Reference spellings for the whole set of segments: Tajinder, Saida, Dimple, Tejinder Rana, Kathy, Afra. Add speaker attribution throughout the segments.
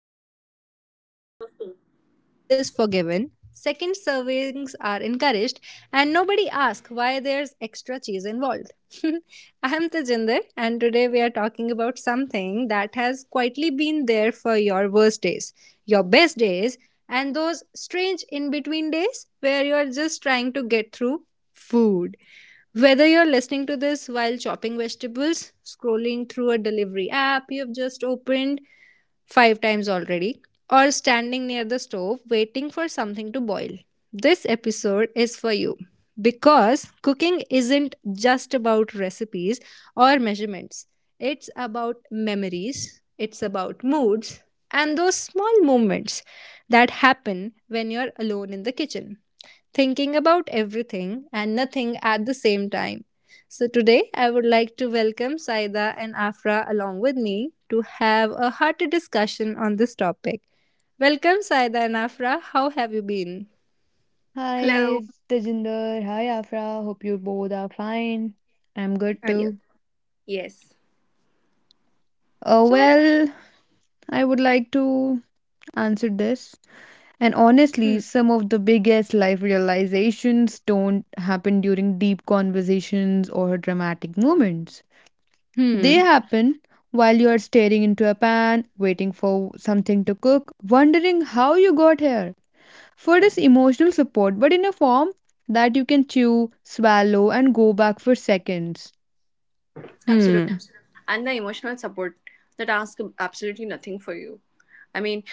Speaker 1: welcome
Speaker 2: and
Speaker 1: back to
Speaker 2: welcome
Speaker 1: a
Speaker 2: back to a
Speaker 1: space where
Speaker 2: space.
Speaker 1: burnt food is forgiven, second servings are encouraged, and nobody asks why there's extra cheese involved. I'm Tajinder, and today we are talking about something that has quietly been there for your worst days, your best days, and those strange in between days where you're just trying to get through food. Whether you're listening to this while chopping vegetables, scrolling through a delivery app you've just opened five times already, or standing near the stove waiting for something to boil, this episode is for you. Because cooking isn't just about recipes or measurements, it's about memories, it's about moods, and those small moments that happen when you're alone in the kitchen thinking about everything and nothing at the same time. So, today I would like to welcome Saida and Afra along with me to have a hearty discussion on this topic. Welcome, Saida and Afra. How have you been?
Speaker 3: Hi,
Speaker 2: Hello.
Speaker 3: Tejinder. Hi, Afra. Hope you both are fine. I'm good
Speaker 1: Yeah.
Speaker 3: too.
Speaker 2: Yes,
Speaker 3: Uh,
Speaker 1: So I-
Speaker 3: well, I would like to answer this. And
Speaker 1: Hmm.
Speaker 3: honestly, some of the biggest life realizations don't happen during deep conversations or dramatic moments. They
Speaker 1: Hmm.
Speaker 3: happen while you are staring into a pan, waiting for something to cook, wondering how you got here. Food is emotional support, but in a form that you can chew, swallow, and go back for seconds.
Speaker 2: absolutely.
Speaker 1: Hmm.
Speaker 2: And the emotional support that asks absolutely nothing for you. I mean,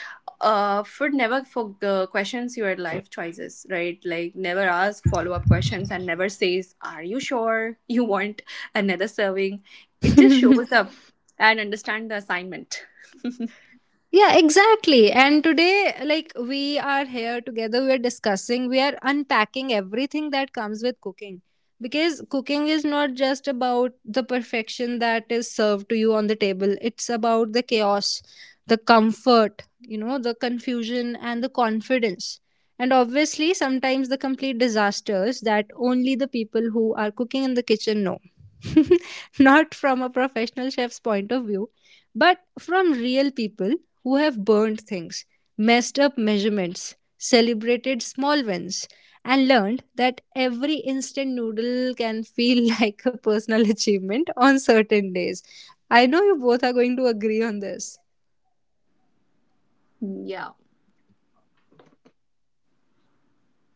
Speaker 2: Food never for questions your life choices, right? Like never ask follow up questions and never says, "Are you sure you want another serving?" It just shows up and understand the assignment.
Speaker 1: Yeah, exactly. And today, like, we are here together, we are discussing, we are unpacking everything that comes with cooking. Because cooking is not just about the perfection that is served to you on the table, it's about the chaos, the comfort, you know, the confusion, and the confidence. And obviously, sometimes the complete disasters that only the people who are cooking in the kitchen know. Not from a professional chef's point of view, but from real people who have burned things, messed up measurements, celebrated small wins, and learned that every instant noodle can feel like a personal achievement on certain days. I know you both are going to agree on this.
Speaker 2: Yeah.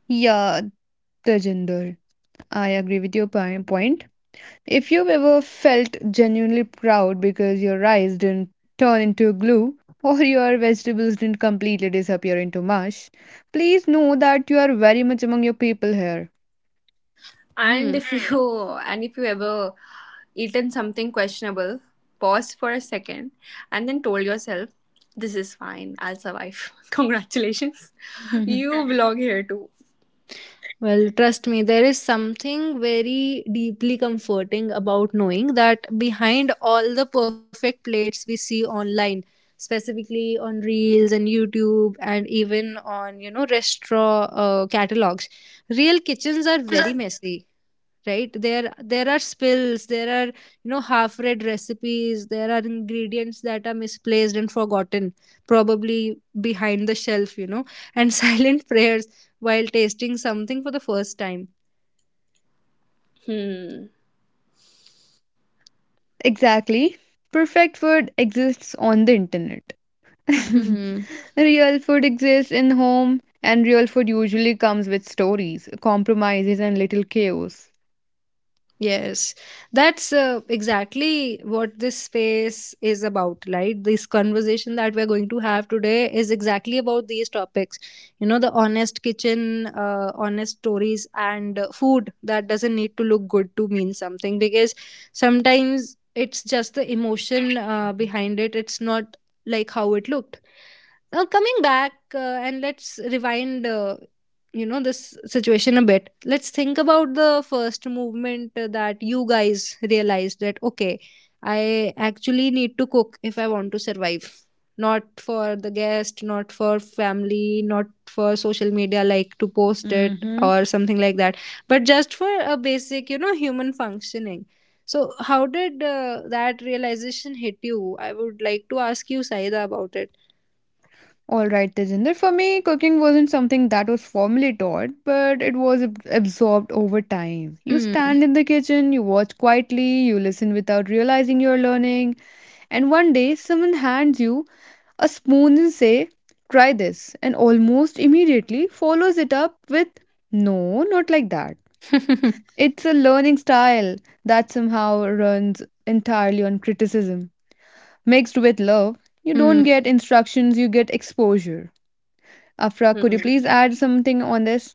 Speaker 3: Yeah, Tejinder, I agree with your point. If you've ever felt genuinely proud because your rice didn't turn into glue or your vegetables didn't completely disappear into mush, please know that you are very much among your people here.
Speaker 2: And
Speaker 1: Hmm.
Speaker 2: if Mm. you and if you ever eaten something questionable, pause for a second and then told yourself, "This is fine, I'll survive." Congratulations. You belong here too.
Speaker 1: Well, trust me, there is something very deeply comforting about knowing that behind all the perfect plates we see online, specifically on Reels and YouTube and even on, restaurant catalogs, real kitchens are very messy, right? There are spills, there are, half read recipes, there are ingredients that are misplaced and forgotten, probably behind the shelf, and silent prayers while tasting something for the first time.
Speaker 2: Hmm.
Speaker 3: Exactly. Perfect food exists on the internet.
Speaker 1: Hmm.
Speaker 3: Real food exists in home, and real food usually comes with stories, compromises, and little chaos.
Speaker 1: Yes, that's exactly what this space is about, right? This conversation that we're going to have today is exactly about these topics. You know, the honest kitchen, honest stories, and food that doesn't need to look good to mean something, because sometimes it's just the emotion behind it, it's not like how it looked. Now, coming back, and let's rewind, this situation a bit. Let's think about the first movement that you guys realized that, okay, I actually need to cook if I want to survive, not for the guest, not for family, not for social media, like to post it
Speaker 3: hmm
Speaker 1: or something like that, but just for a basic, human functioning. So how did, that realization hit you? I would like to ask you, Saida, about it.
Speaker 3: All right, Tejinder. For me, cooking wasn't something that was formally taught, but it was absorbed over time. You
Speaker 1: Hmm.
Speaker 3: stand in the kitchen, you watch quietly, you listen without realizing you're learning, and one day someone hands you a spoon and say, "Try this," and almost immediately follows it up with, "No, not like that." It's a learning style that somehow runs entirely on criticism, mixed with love. You don't
Speaker 1: Hmm.
Speaker 3: get instructions, you get exposure. Afra, could
Speaker 2: Hmm.
Speaker 3: you please add something on this?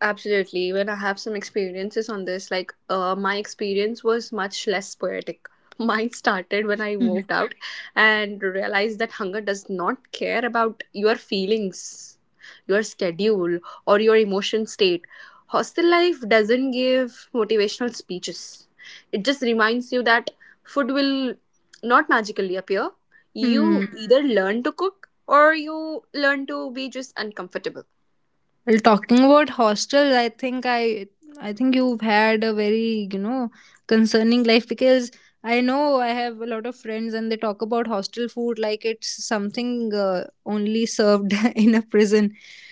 Speaker 2: Absolutely. When I have some experiences on this, my experience was much less poetic. Mine started when I
Speaker 3: Mhm.
Speaker 2: moved out and realized that hunger does not care about your feelings, your schedule, or your emotion state. Hostel life doesn't give motivational speeches, it just reminds you that food will not magically appear. You
Speaker 1: Hmm.
Speaker 2: either learn to cook or you learn to be just uncomfortable.
Speaker 1: Well, talking about hostels, I think I think you've had a very, concerning life, because I know I have a lot of friends and they talk about hostel food like it's something, only served in a prison.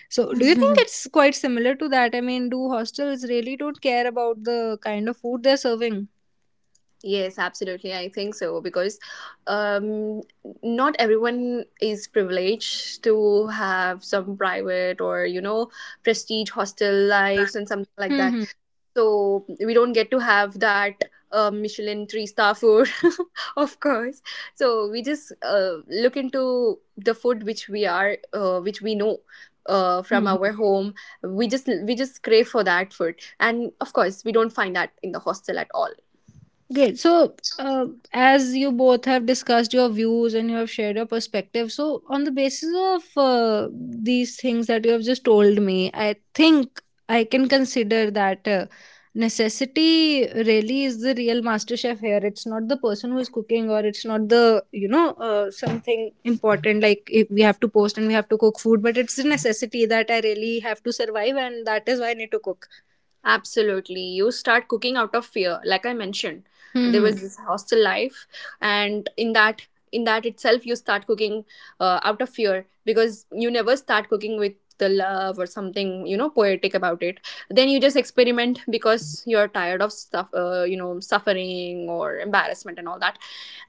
Speaker 1: So, do you think it's quite similar to that? I mean, do hostels really don't care about the kind of food they're serving?
Speaker 2: Yes, absolutely. I think so because um, not everyone is privileged to have some private or, you know, prestige hostel lives and something like
Speaker 1: Hmm.
Speaker 2: that.
Speaker 1: Hmm,
Speaker 2: So we don't get to have that Michelin three star food, of course. So we just look into the food which we are, which we know.
Speaker 1: hmm,
Speaker 2: From our
Speaker 1: hmm.
Speaker 2: home we just crave for that food, and of course we don't find that in the hostel at all.
Speaker 1: Great. So, as you both have discussed your views and you have shared your perspective, so on the basis of, these things that you have just told me, I think I can consider that, necessity really is the real master chef here. It's not the person who is cooking, or it's not the, something important, like if we have to post and we have to cook food, but it's the necessity that I really have to survive, and that is why I need to cook.
Speaker 2: Absolutely. You start cooking out of fear. Like I mentioned, there
Speaker 1: Hmm.
Speaker 2: was this hostel life, and in that itself you start cooking out of fear, because you never start cooking with the love or something, you know, poetic about it. Then you just experiment because you're tired of stuff, you know, suffering or embarrassment and all that,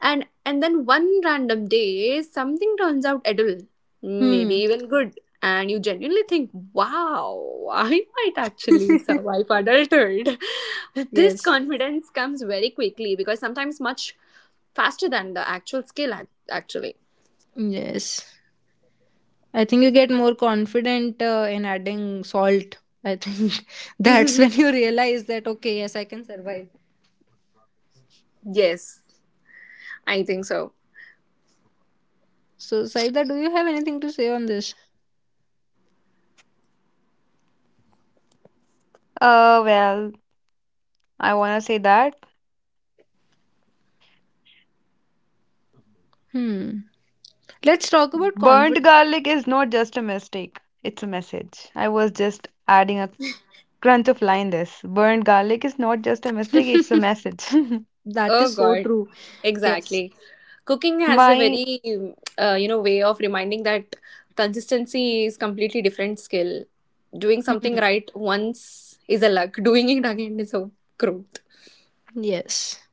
Speaker 2: and then one random day something turns out edible, maybe
Speaker 1: Hmm.
Speaker 2: even good, and you genuinely think, wow, I might actually survive adulthood. this
Speaker 1: Yes.
Speaker 2: confidence comes very quickly, because sometimes much faster than the actual skill, actually.
Speaker 1: Yes. I think you get more confident, in adding salt. I think, that's when you realize that, okay, yes, I can survive.
Speaker 2: yes, I think so.
Speaker 1: So, Saida, do you have anything to say on this?
Speaker 3: Uh, well, I want to say that
Speaker 1: Hmm. Let's talk about confidence.
Speaker 3: burnt garlic is not just a mistake, it's a message. I was just adding a crunch of line this. Burnt garlic is not just a mistake, it's a message.
Speaker 1: That
Speaker 2: Oh,
Speaker 1: is so
Speaker 2: God.
Speaker 1: true. Yes.
Speaker 2: Exactly. Cooking has a
Speaker 3: My
Speaker 2: very, you know, way of reminding that consistency is completely different skill. Doing something
Speaker 1: Hmm.
Speaker 2: right once is a luck. Doing it again is a growth.
Speaker 1: Yes.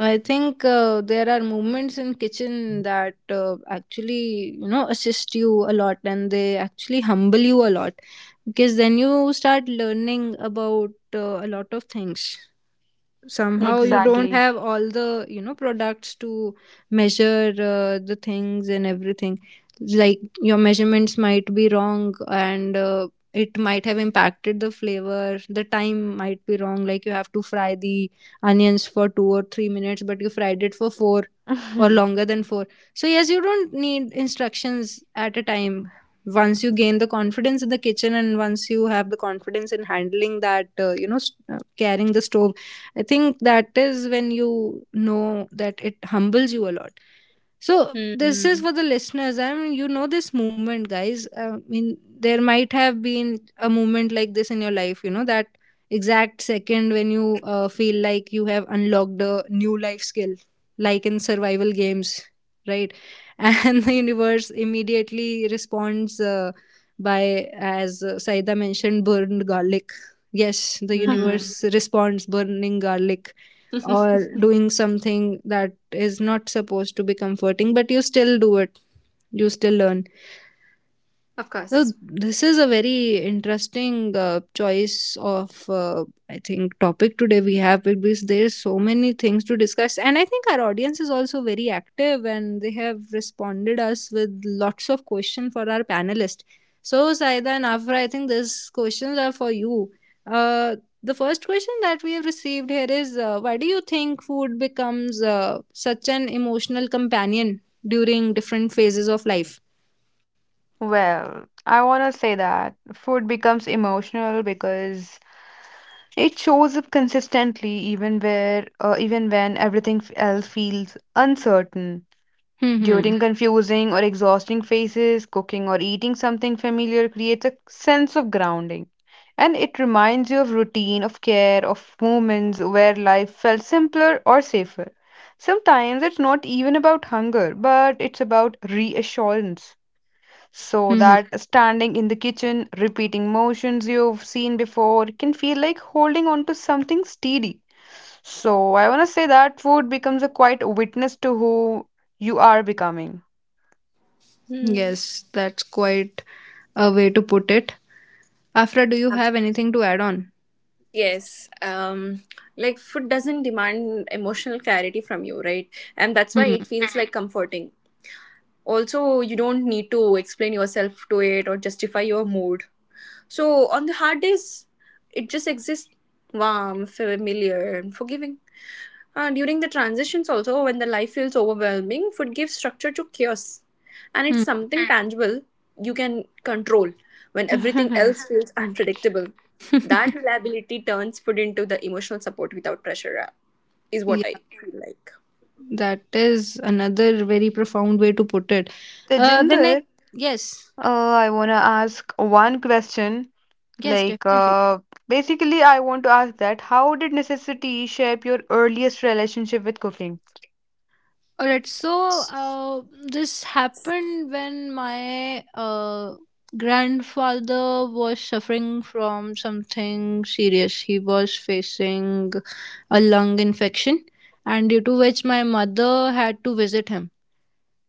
Speaker 1: I think, there are movements in kitchen that, actually, you know, assist you a lot, and they actually humble you a lot, because then you start learning about, a lot of things. Somehow you
Speaker 2: Hmm
Speaker 1: don't
Speaker 3: exactly.
Speaker 1: have all the, products to measure, the things and everything. Like, your measurements might be wrong, and, it might have impacted the flavor. The time might be wrong, like you have to fry the onions for 2 or 3 minutes but you fried it for 4 or longer than four. So, yes, you don't need instructions at a time. Once you gain the confidence in the kitchen and once you have the confidence in handling that, carrying the stove, I think that is when you know that it humbles you a lot. So this is
Speaker 2: hmm
Speaker 1: for the listeners. I mean, you know this movement, guys. I mean, there might have been a moment like this in your life. You know that exact second when you, feel like you have unlocked a new life skill, like in survival games, right? And the universe immediately responds, by, as, Saida mentioned, burned garlic. Yes, the
Speaker 2: hmm
Speaker 1: universe responds burning garlic or doing something that is not supposed to be comforting, but you still do it. You still learn.
Speaker 2: of
Speaker 1: So
Speaker 2: course.
Speaker 1: this is a very interesting, choice of, I think topic today we have, because there is so many things to discuss and I think our audience is also very active and they have responded us with lots of questions for our panelist. So Saida and Afra, I think these questions are for you. Uh, the first question that we have received here is, why do you think food becomes, such an emotional companion during different phases of life?
Speaker 3: Well, I want to say that food becomes emotional because it shows up consistently even where even when everything else feels uncertain.
Speaker 1: Hmm.
Speaker 3: During confusing or exhausting phases, cooking or eating something familiar creates a sense of grounding. And it reminds you of routine, of care, of moments where life felt simpler or safer. Sometimes it's not even about hunger, but it's about reassurance so
Speaker 1: Hmm.
Speaker 3: that standing in the kitchen, repeating motions you've seen before, can feel like holding on to something steady. So I want to say that food becomes a quiet witness to who you are becoming.
Speaker 2: Hmm.
Speaker 1: Yes, that's quite a way to put it. Afra, do you
Speaker 2: Abs-
Speaker 1: have anything to add on?
Speaker 2: Yes. Like food doesn't demand emotional clarity from you, right? And that's why
Speaker 1: Hmm.
Speaker 2: it feels like comforting. Also, you don't need to explain yourself to it or justify your mood. So on the hard days, it just exists warm, familiar, and forgiving. During the transitions, also, when the life feels overwhelming, food gives structure to chaos. And it's
Speaker 1: Hmm.
Speaker 2: something tangible you can control when everything else feels unpredictable. That reliability turns food into the emotional support without pressure, is what
Speaker 1: Yeah,
Speaker 2: I feel like.
Speaker 1: that is another very profound way to put it. The
Speaker 3: Tejinder,
Speaker 1: next, yes,
Speaker 3: I want to ask one question.
Speaker 1: yes,
Speaker 3: Like,
Speaker 1: definitely.
Speaker 3: uh, I want to ask that how did necessity shape your earliest relationship with cooking?
Speaker 1: All right, so, this happened when my, grandfather was suffering from something serious. He was facing a lung infection, and due to which my mother had to visit him.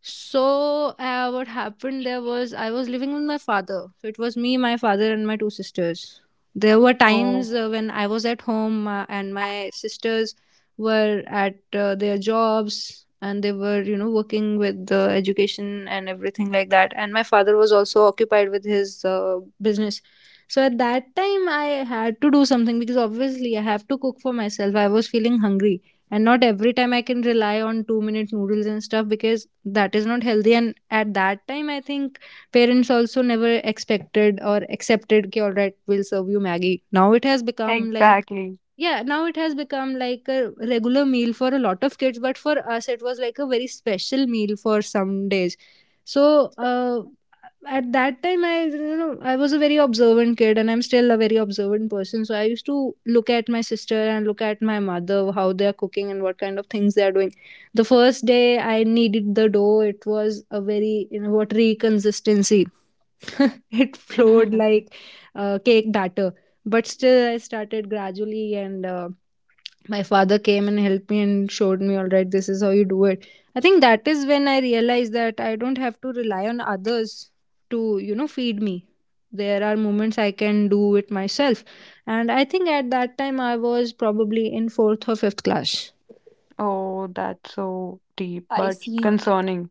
Speaker 1: So, what happened there was, I was living with my father. So it was me, my father, and my two sisters. There were
Speaker 3: Oh,
Speaker 1: times, when I was at home, and my sisters were at, their jobs and they were, working with the education and everything like that, and my father was also occupied with his, business. So at that time I had to do something because obviously I have to cook for myself, I was feeling hungry, and not every time I can rely on 2-minute noodles and stuff, because that is not healthy. And at that time, I think parents also never expected or accepted. "Okay, all right, we'll serve you maggie now, it has become like,"
Speaker 3: exactly.
Speaker 1: yeah, now it has become like a regular meal for a lot of kids, but for us it was like a very special meal for some days. So, uh, at that time, I, I was a very observant kid and I'm still a very observant person, so I used to look at my sister and look at my mother how they're cooking and what kind of things they're doing. The first day I kneaded the dough, it was a very, watery consistency. It flowed like, cake batter, but still I started gradually and, my father came and helped me and showed me, all right, this is how you do it. I think that is when I realized that I don't have to rely on others to, feed me. There are moments I can do it myself. And I think at that time I was probably in fourth or fifth class.
Speaker 3: Oh, that's so deep
Speaker 2: I
Speaker 3: but
Speaker 2: see.
Speaker 3: concerning.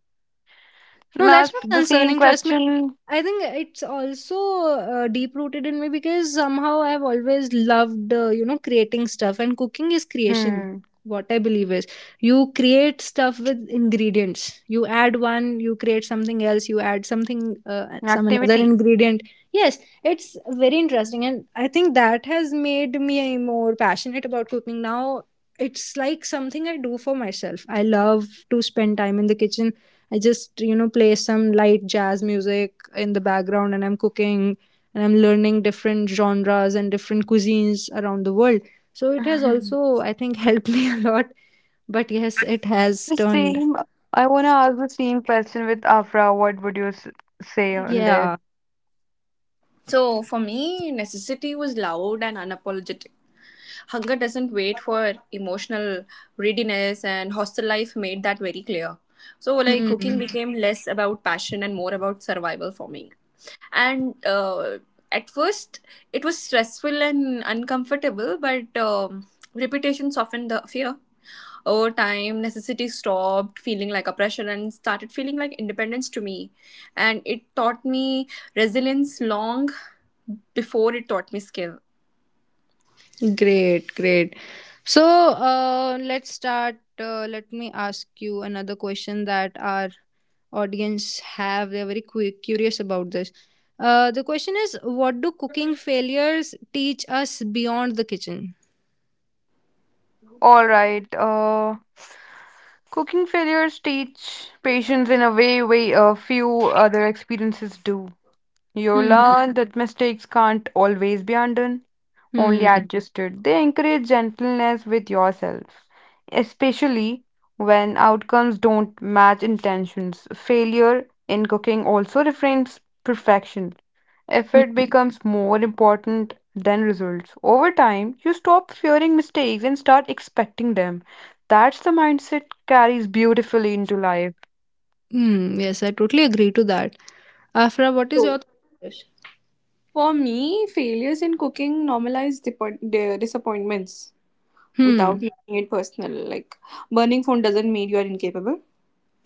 Speaker 1: No, that's
Speaker 3: Last,
Speaker 1: not
Speaker 3: the same
Speaker 1: concerning, trust me.
Speaker 3: question.
Speaker 1: I think it's also, deep rooted in me, because somehow I've always loved, creating stuff, and cooking is creation.
Speaker 3: Hmm.
Speaker 1: What I believe is, you create stuff with ingredients. You add one, you create something else, you add something, some another
Speaker 3: Activity.
Speaker 1: ingredient. Yes, it's very interesting, and I think that has made me more passionate about cooking now. It's like something I do for myself. I love to spend time in the kitchen. I just, you know, play some light jazz music in the background and I'm cooking, and I'm learning different genres and different cuisines around the world. So it has also, I think, helped me a lot. But yes, it has
Speaker 3: The
Speaker 1: turned.
Speaker 3: same. I want to ask the same question with Afra. What would you say on this?
Speaker 1: Yeah.
Speaker 2: So for me, necessity was loud and unapologetic. Hunger doesn't wait for emotional readiness, and hostel life made that very clear. So, like, cooking
Speaker 1: Hmm.
Speaker 2: became less about passion and more about survival for me. And at first, it was stressful and uncomfortable, but repetition softened the fear. Over time, necessity stopped feeling like oppression and started feeling like independence to me. And it taught me resilience long before it taught me skill.
Speaker 1: Great, great. So let's start. Let me ask you another question that our audience have. They're very curious about this. The question is, what do cooking failures teach us beyond the kitchen?
Speaker 3: All right. Cooking failures teach patience in a way a few other experiences do. You
Speaker 1: Hmm,
Speaker 3: learn that mistakes can't always be undone. Only
Speaker 1: hmm, hmm,
Speaker 3: adjusted. They encourage gentleness with yourself, especially when outcomes don't match intentions. Failure in cooking also reframes perfection. Effort
Speaker 1: hmm.
Speaker 3: becomes more important than results. Over time, you stop fearing mistakes and start expecting them. That's the mindset carries beautifully into life.
Speaker 1: Hmm. Yes, I totally agree to that. Afra, what is
Speaker 2: So,
Speaker 1: your thought?
Speaker 2: for me, failures in cooking normalize disappointments without
Speaker 1: Hmm.
Speaker 2: making it personal. Like burning phone doesn't mean you are incapable.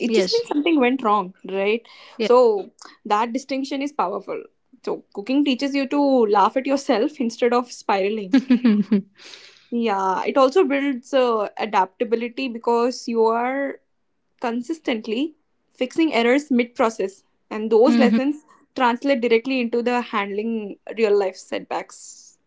Speaker 2: It just means something went wrong, right?
Speaker 1: Yes.
Speaker 2: So that distinction is powerful. So cooking teaches you to laugh at yourself instead of spiraling. Yeah, it also builds adaptability because you are consistently fixing errors mid process, and those lessons translate directly into the handling real life setbacks.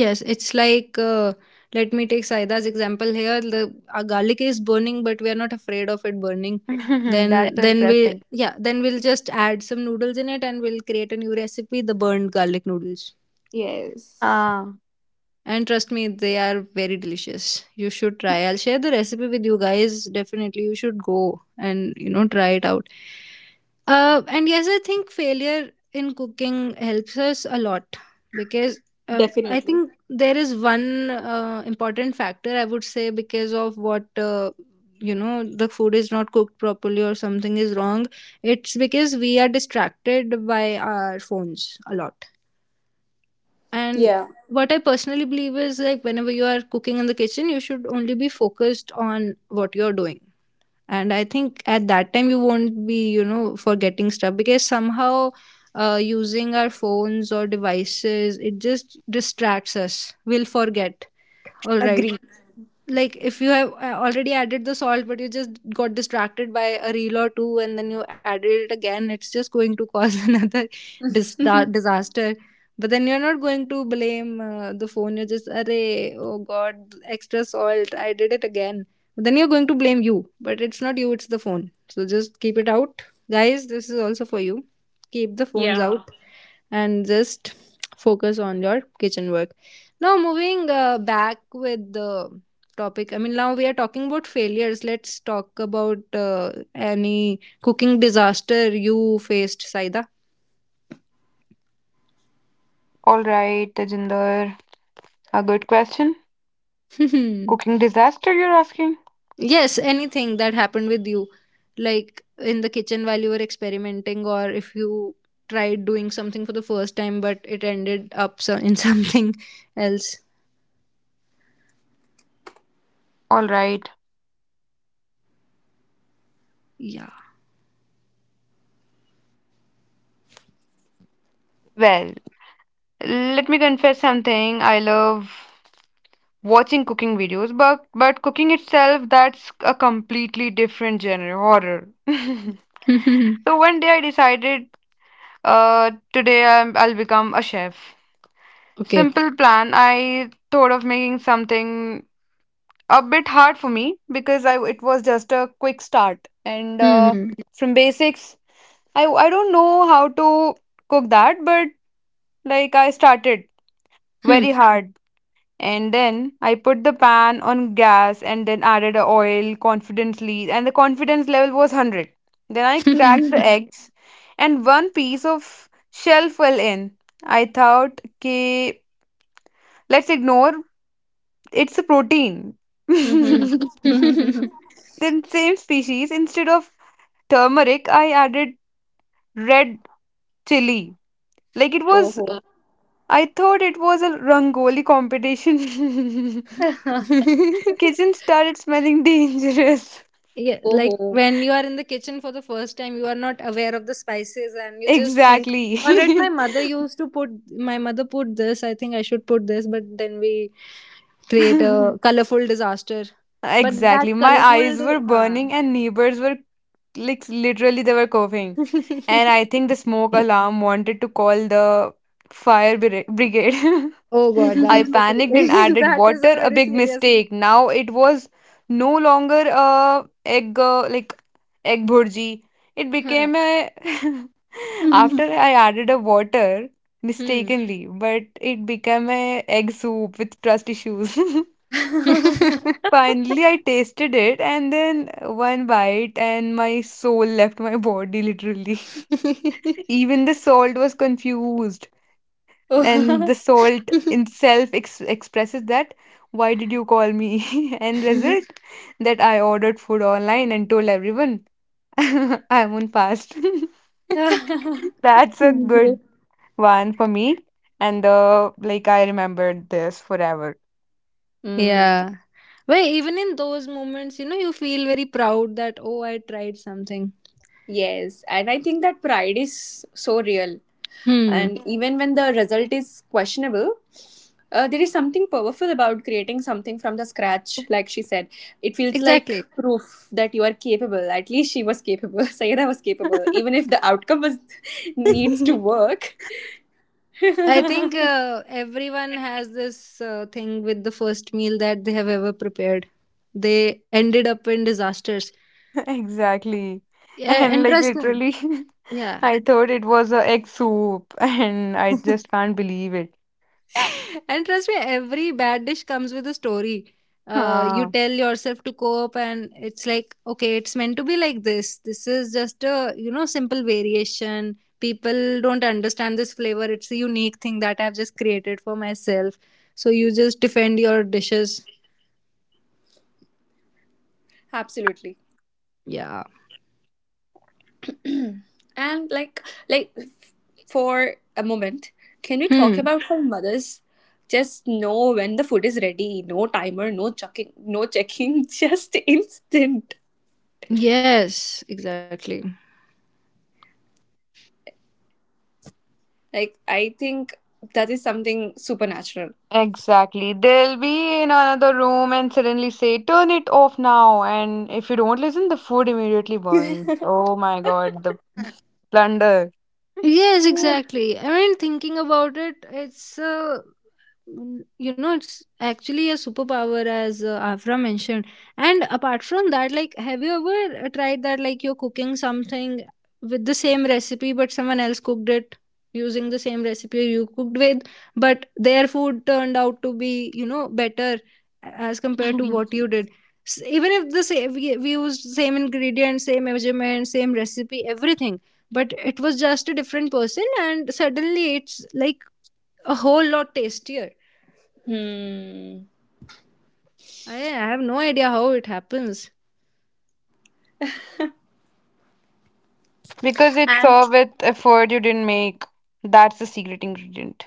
Speaker 1: Yes, it's like let me take Saida's example here. The our garlic is burning, but we are not afraid of it burning.
Speaker 3: That's
Speaker 1: Then we
Speaker 3: interesting.
Speaker 1: yeah, then we'll just add some noodles in it, and we'll create a new recipe: the burned garlic noodles.
Speaker 2: Yes,
Speaker 3: Ah,
Speaker 1: And trust me, they are very delicious. You should try. I'll share the recipe with you guys. Definitely, you should go and you know try it out. And yes, I think failure in cooking helps us a lot because I
Speaker 2: definitely.
Speaker 1: think there is one important factor I would say because of what you know the food is not cooked properly or something is wrong. It's because we are distracted by our phones a lot and
Speaker 2: Yeah.
Speaker 1: what I personally believe is like whenever you are cooking in the kitchen, you should only be focused on what you're doing. And I think at that time you won't be, you know, forgetting stuff because somehow using our phones or devices, it just distracts us. We'll forget. All right,
Speaker 2: Agree.
Speaker 1: like if you have already added the salt but you just got distracted by a reel or two and then you added it again, it's just going to cause another disaster, but then you're not going to blame the phone. You're just array, oh god, extra salt, I did it again. But then you're going to blame you, but it's not you, it's the phone, so just keep it out. Guys, this is also for you: keep the phones out and just focus on your kitchen work. Now, moving back with the topic, I mean, now we are talking about failures. Let's talk about any cooking disaster you faced, Saida.
Speaker 3: all right, Tejinder. A good question. Cooking disaster, you're asking?
Speaker 1: Yes, anything that happened with you, like in the kitchen while you were experimenting, or if you tried doing something for the first time but it ended up in something else.
Speaker 3: All right.
Speaker 1: Yeah.
Speaker 3: Well, let me confess something. I love watching cooking videos, but cooking itself, that's a completely different genre, horror. So one day I decided, I'll become a chef.
Speaker 1: Okay.
Speaker 3: Simple plan. I thought of making something a bit hard for me because I it was just a quick start and
Speaker 1: Hmm.
Speaker 3: from basics. I don't know how to cook that, but like I started very hard. And then I put the pan on gas and then added a oil confidently, and the confidence level was 100. Then I
Speaker 1: Hmm.
Speaker 3: cracked the eggs, and one piece of shell fell in. I thought, okay, let's ignore it's a protein.
Speaker 1: Hmm.
Speaker 3: Then,
Speaker 2: Mm-hmm.
Speaker 3: same species, instead of turmeric, I added red chili. Like it
Speaker 2: oh,
Speaker 3: was,
Speaker 2: ho.
Speaker 3: I thought it was a rangoli competition. Kitchen started smelling dangerous.
Speaker 1: Yeah,
Speaker 2: Oh,
Speaker 1: like
Speaker 2: ho.
Speaker 1: when you are in the kitchen for the first time, you are not aware of the spices and you just think,
Speaker 3: Exactly.
Speaker 1: all right, my mother used to put, my mother put this, I think I should put this, but then we create a colorful disaster. But that
Speaker 3: Exactly. My
Speaker 1: colorful,
Speaker 3: eyes were
Speaker 1: huh.
Speaker 3: burning and neighbors were like literally they were coughing. And I think the smoke alarm wanted to call the fire brigade.
Speaker 1: Oh god,
Speaker 3: I
Speaker 1: that's a
Speaker 3: panicked and added
Speaker 1: that is a
Speaker 3: water, a
Speaker 1: very
Speaker 3: big
Speaker 1: serious.
Speaker 3: mistake. Now it was no longer a egg bhurji. It
Speaker 1: Huh.
Speaker 3: became a after I added a water
Speaker 1: Hmm.
Speaker 3: mistakenly, but it became a egg soup with trust issues. Finally, I tasted it, and then one bite, and my soul left my body literally. Even the salt was confused, and the salt itself ex expresses that, why did you call me? And result that I ordered food online and told everyone I'm on fast. That's a good
Speaker 1: Great.
Speaker 3: one for me. And like I remembered this forever.
Speaker 1: Yeah.
Speaker 2: mm.
Speaker 1: But even in those moments, you know, you feel very proud that, oh, I tried something.
Speaker 2: Yes, and I think that pride is so real,
Speaker 1: Hmm.
Speaker 2: and even when the result is questionable, there is something powerful about creating something from the scratch. Like she said, it feels like
Speaker 1: Exactly.
Speaker 2: proof that you are capable. At least she was capable. sayada was capable even if the outcome was needs to work.
Speaker 1: I think everyone has this thing with the first meal that they have ever prepared. They ended up in disasters.
Speaker 3: Exactly.
Speaker 1: Yeah,
Speaker 3: And
Speaker 1: and
Speaker 3: like
Speaker 1: trust me.
Speaker 3: literally.
Speaker 1: Yeah.
Speaker 3: I thought it was a egg soup, and I just can't believe it.
Speaker 1: And trust me, every bad dish comes with a story. You
Speaker 3: Huh.
Speaker 1: tell yourself to cope, and it's like, okay, it's meant to be like this. This is just a you know simple variation. People don't understand this flavor. It's a unique thing that I've just created for myself. So you just defend your dishes.
Speaker 2: absolutely.
Speaker 1: Yeah.
Speaker 2: and like for a moment, can we talk
Speaker 1: Hmm.
Speaker 2: about how mothers just know when the food is ready? No timer, no checking, just instant.
Speaker 1: Yes. Exactly.
Speaker 2: Like, I think that is something supernatural.
Speaker 3: Exactly. They'll be in another room and suddenly say, turn it off now. And if you don't listen, the food immediately burns. Oh my God, the plunder.
Speaker 1: Yes, exactly. I mean, thinking about it, it's you know, it's actually a superpower, as Afra mentioned. And apart from that, like, have you ever tried that? Like, you're cooking something with the same recipe, but someone else cooked it using the same recipe you cooked with, but their food turned out to be, you know, better as compared to what you did. Even if the same, we used same ingredients, same measurement, same recipe, everything, but it was just a different person and suddenly it's like a whole lot tastier.
Speaker 2: Hmm.
Speaker 1: I have no idea how it happens.
Speaker 3: Because it's
Speaker 2: And,
Speaker 3: served with effort you didn't make. That's the secret ingredient.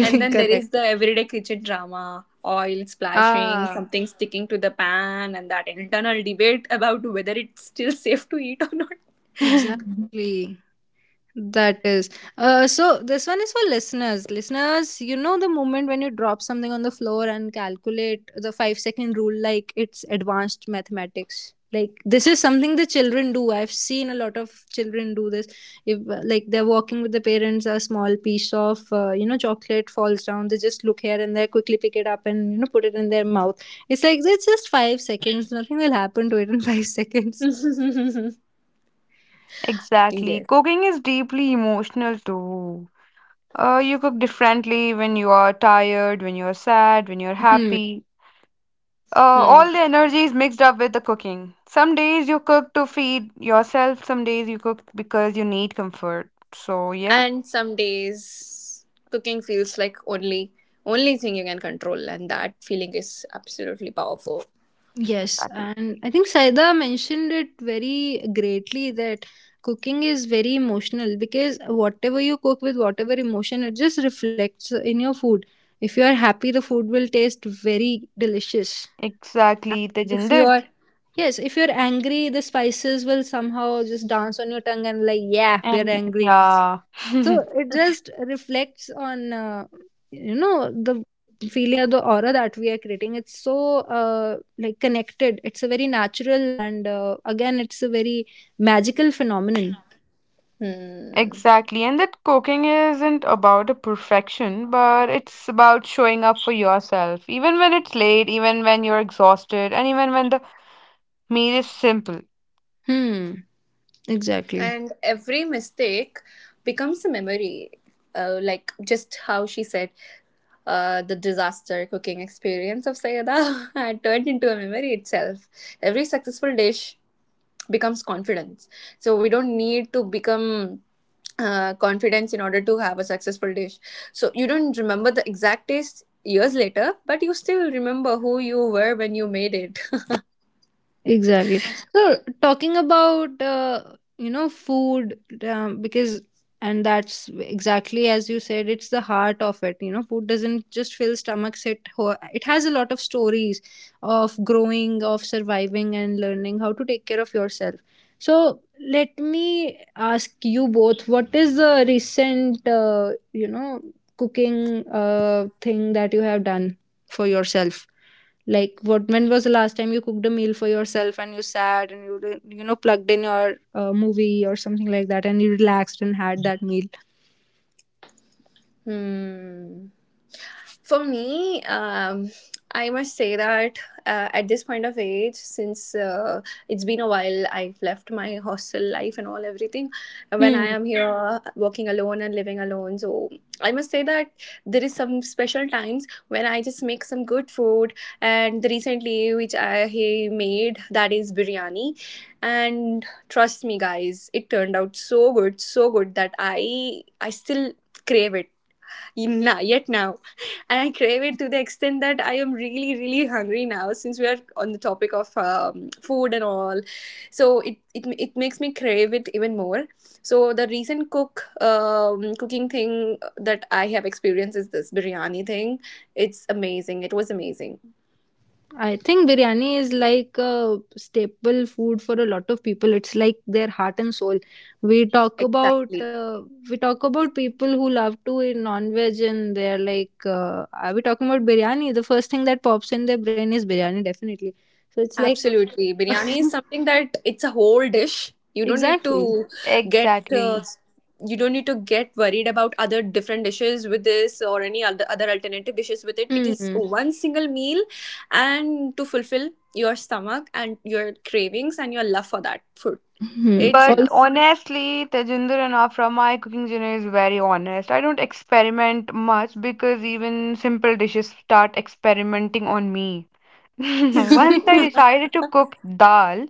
Speaker 2: and then there
Speaker 1: Correct.
Speaker 2: is the everyday kitchen drama, oil splashing,
Speaker 1: Ah,
Speaker 2: something sticking to the pan, and that internal debate about whether it's still safe to eat or not.
Speaker 1: exactly. That is. So this one is for listeners. Listeners, you know the moment when you drop something on the floor and calculate the 5-second rule like it's advanced mathematics. Like this is something the children do. I've seen a lot of children do this. If like they're walking with the parents, a small piece of you know chocolate falls down, they just look here and there, quickly pick it up and you know put it in their mouth. It's like it's just 5 seconds. Nothing will happen to it in 5 seconds.
Speaker 3: Exactly.
Speaker 2: yes.
Speaker 3: Cooking is deeply emotional too. You cook differently when you are tired, when you're sad, when you're
Speaker 1: Hmm.
Speaker 3: happy. Uh,
Speaker 2: Hmm.
Speaker 3: all the energy is mixed up with the cooking. Some days you cook to feed yourself, some days you cook because you need comfort. So, yeah,
Speaker 2: And some days cooking feels like only thing you can control, and that feeling is absolutely powerful.
Speaker 1: Yes,
Speaker 3: exactly.
Speaker 1: and I think Saida mentioned it very greatly that cooking is very emotional because whatever you cook with whatever emotion, it just reflects in your food. If you are happy, the food will taste very delicious. And
Speaker 3: Exactly,
Speaker 1: if you
Speaker 3: Tejinder.
Speaker 1: are, yes, if you're angry, the spices will somehow just dance on your tongue and like, yeah, we're
Speaker 3: And
Speaker 1: angry,
Speaker 3: yeah,
Speaker 1: so it just reflects on you know the feeling or the aura that we are creating. It's so like connected. It's a very natural and again it's a very magical phenomenon.
Speaker 2: Hmm.
Speaker 3: exactly. And that cooking isn't about a perfection, but it's about showing up for yourself, even when it's late, even when you're exhausted, and even when the meal is simple.
Speaker 1: Hmm, exactly.
Speaker 2: And every mistake becomes a memory, like just how she said, the disaster cooking experience of Sayada had turned into a memory itself. Every successful dish becomes confidence. So we don't need to become confidence in order to have a successful dish. So you don't remember the exact taste years later, but you still remember who you were when you made it.
Speaker 1: Exactly. So talking about you know food, because and that's exactly as you said it's the heart of it. You know food doesn't just fill stomachs, it it has a lot of stories of growing, of surviving and learning how to take care of yourself. So let me ask you both, what is the recent you know cooking thing that you have done for yourself? Like, what, when was the last time you cooked a meal for yourself and you sat and you you know plugged in your movie or something like that and you relaxed and had that meal?
Speaker 2: Hmm. For me, I must say that at this point of age, since it's been a while, I've left my hostel life and all everything. When I
Speaker 1: Hmm.
Speaker 2: am here working alone and living alone, so I must say that there is some special times when I just make some good food. And the recently, which I he made, that is biryani, and trust me, guys, it turned out so good, so good that I still crave it not yet now. And I crave it to the extent that I am really, really hungry now, since we are on the topic of food and all. So it makes me crave it even more. So the recent cooking thing that I have experienced is this biryani thing. It's amazing. It was amazing.
Speaker 1: I think biryani is like a staple food for a lot of people. It's like their heart and soul. We talk about
Speaker 2: Exactly.
Speaker 1: uh, we talk about people who love to eat non-veg and they're like, are we talking about biryani? The first thing that pops in their brain is biryani, definitely. So it's like
Speaker 2: Absolutely. Biryani is something that it's a whole dish. You don't need
Speaker 1: exactly.
Speaker 2: to get uh,
Speaker 3: Exactly.
Speaker 2: you don't need to get worried about other different dishes with this or any other other alternative dishes with it. It is
Speaker 1: Hmm.
Speaker 2: one single meal and to fulfill your stomach and your cravings and your love for that food.
Speaker 1: Mhm.
Speaker 2: It's
Speaker 3: But
Speaker 1: Al-
Speaker 2: enough.
Speaker 3: honestly, Tejinder Rana from my cooking journey is very honest. I don't experiment much because even simple dishes start experimenting on me. Once I decided to cook dal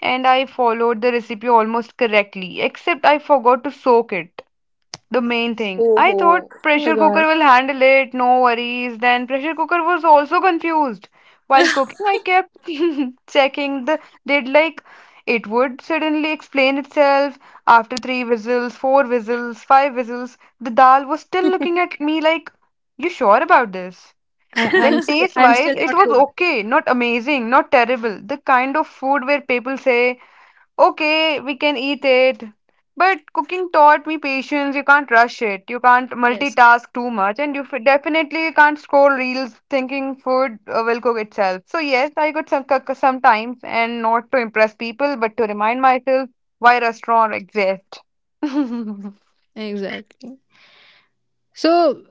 Speaker 3: and I followed the recipe almost correctly, except I forgot to soak it. The main thing. I thought
Speaker 2: Oh,
Speaker 1: oh
Speaker 3: pressure cooker
Speaker 1: God,
Speaker 3: will handle it, no worries. Then pressure cooker was also confused. While
Speaker 2: ho.
Speaker 3: cooking, I kept checking the did like it would suddenly explain itself after 3 whistles, 4 whistles, 5 whistles. The dal was still
Speaker 1: I,
Speaker 3: looking at me like, you sure about this?
Speaker 1: I'm
Speaker 3: Then taste
Speaker 1: I'm
Speaker 3: wise,
Speaker 1: still
Speaker 3: it
Speaker 1: not
Speaker 3: was
Speaker 1: cooked.
Speaker 3: okay, not amazing, not terrible. The kind of food where people say okay, we can eat it. But cooking taught me patience. You can't rush it. You can't
Speaker 1: Yes,
Speaker 3: multitask too much. And you definitely can't scroll reels thinking food will cook itself. So, yes, I could some, cook sometimes and not to impress people, but to remind myself why restaurant exists.
Speaker 1: exactly. So,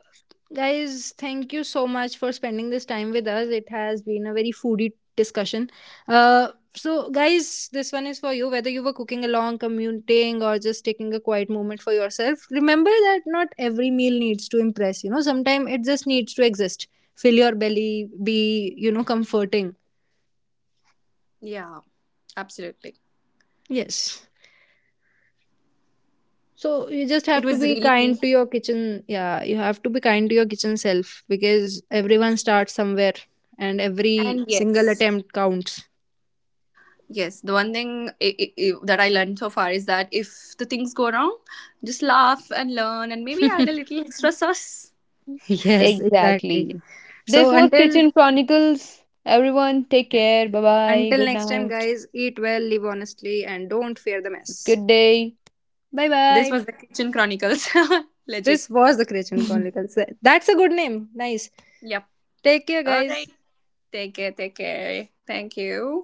Speaker 1: guys, thank you so much for spending this time with us. It has been a very foodie discussion. Uh, so, guys, this one is for you. Whether you were cooking along, commuting, or just taking a quiet moment for yourself, remember that not every meal needs to impress. You know, sometimes it just needs to exist. Fill your belly, be you know comforting.
Speaker 2: yeah, absolutely.
Speaker 1: Yes. So you just
Speaker 2: It
Speaker 1: have to
Speaker 2: was
Speaker 1: be
Speaker 2: really,
Speaker 1: kind to your kitchen. Yeah, you have to be kind to your kitchen self because everyone starts somewhere and every
Speaker 2: and
Speaker 1: single
Speaker 2: yes.
Speaker 1: attempt counts.
Speaker 2: Yes, the one thing I that I learned so far is that if the things go wrong, just laugh and learn and maybe add a little extra sauce.
Speaker 1: Yes, exactly.
Speaker 3: Exactly. This
Speaker 1: So
Speaker 3: was
Speaker 1: until
Speaker 3: Kitchen Chronicles. Everyone, take
Speaker 1: yeah,
Speaker 3: care. Bye bye.
Speaker 1: until
Speaker 3: Good
Speaker 1: next time
Speaker 3: night.
Speaker 1: guys, eat well, live honestly and don't fear the
Speaker 3: Good
Speaker 1: mess.
Speaker 3: day.
Speaker 1: Bye
Speaker 2: This
Speaker 1: bye.
Speaker 2: was the Kitchen Chronicles. Legit.
Speaker 1: This was the Christian Chronicles. That's a good name. Nice.
Speaker 2: Yep.
Speaker 1: Take care
Speaker 2: All
Speaker 1: guys.
Speaker 2: right. Take care. Take care. Thank you.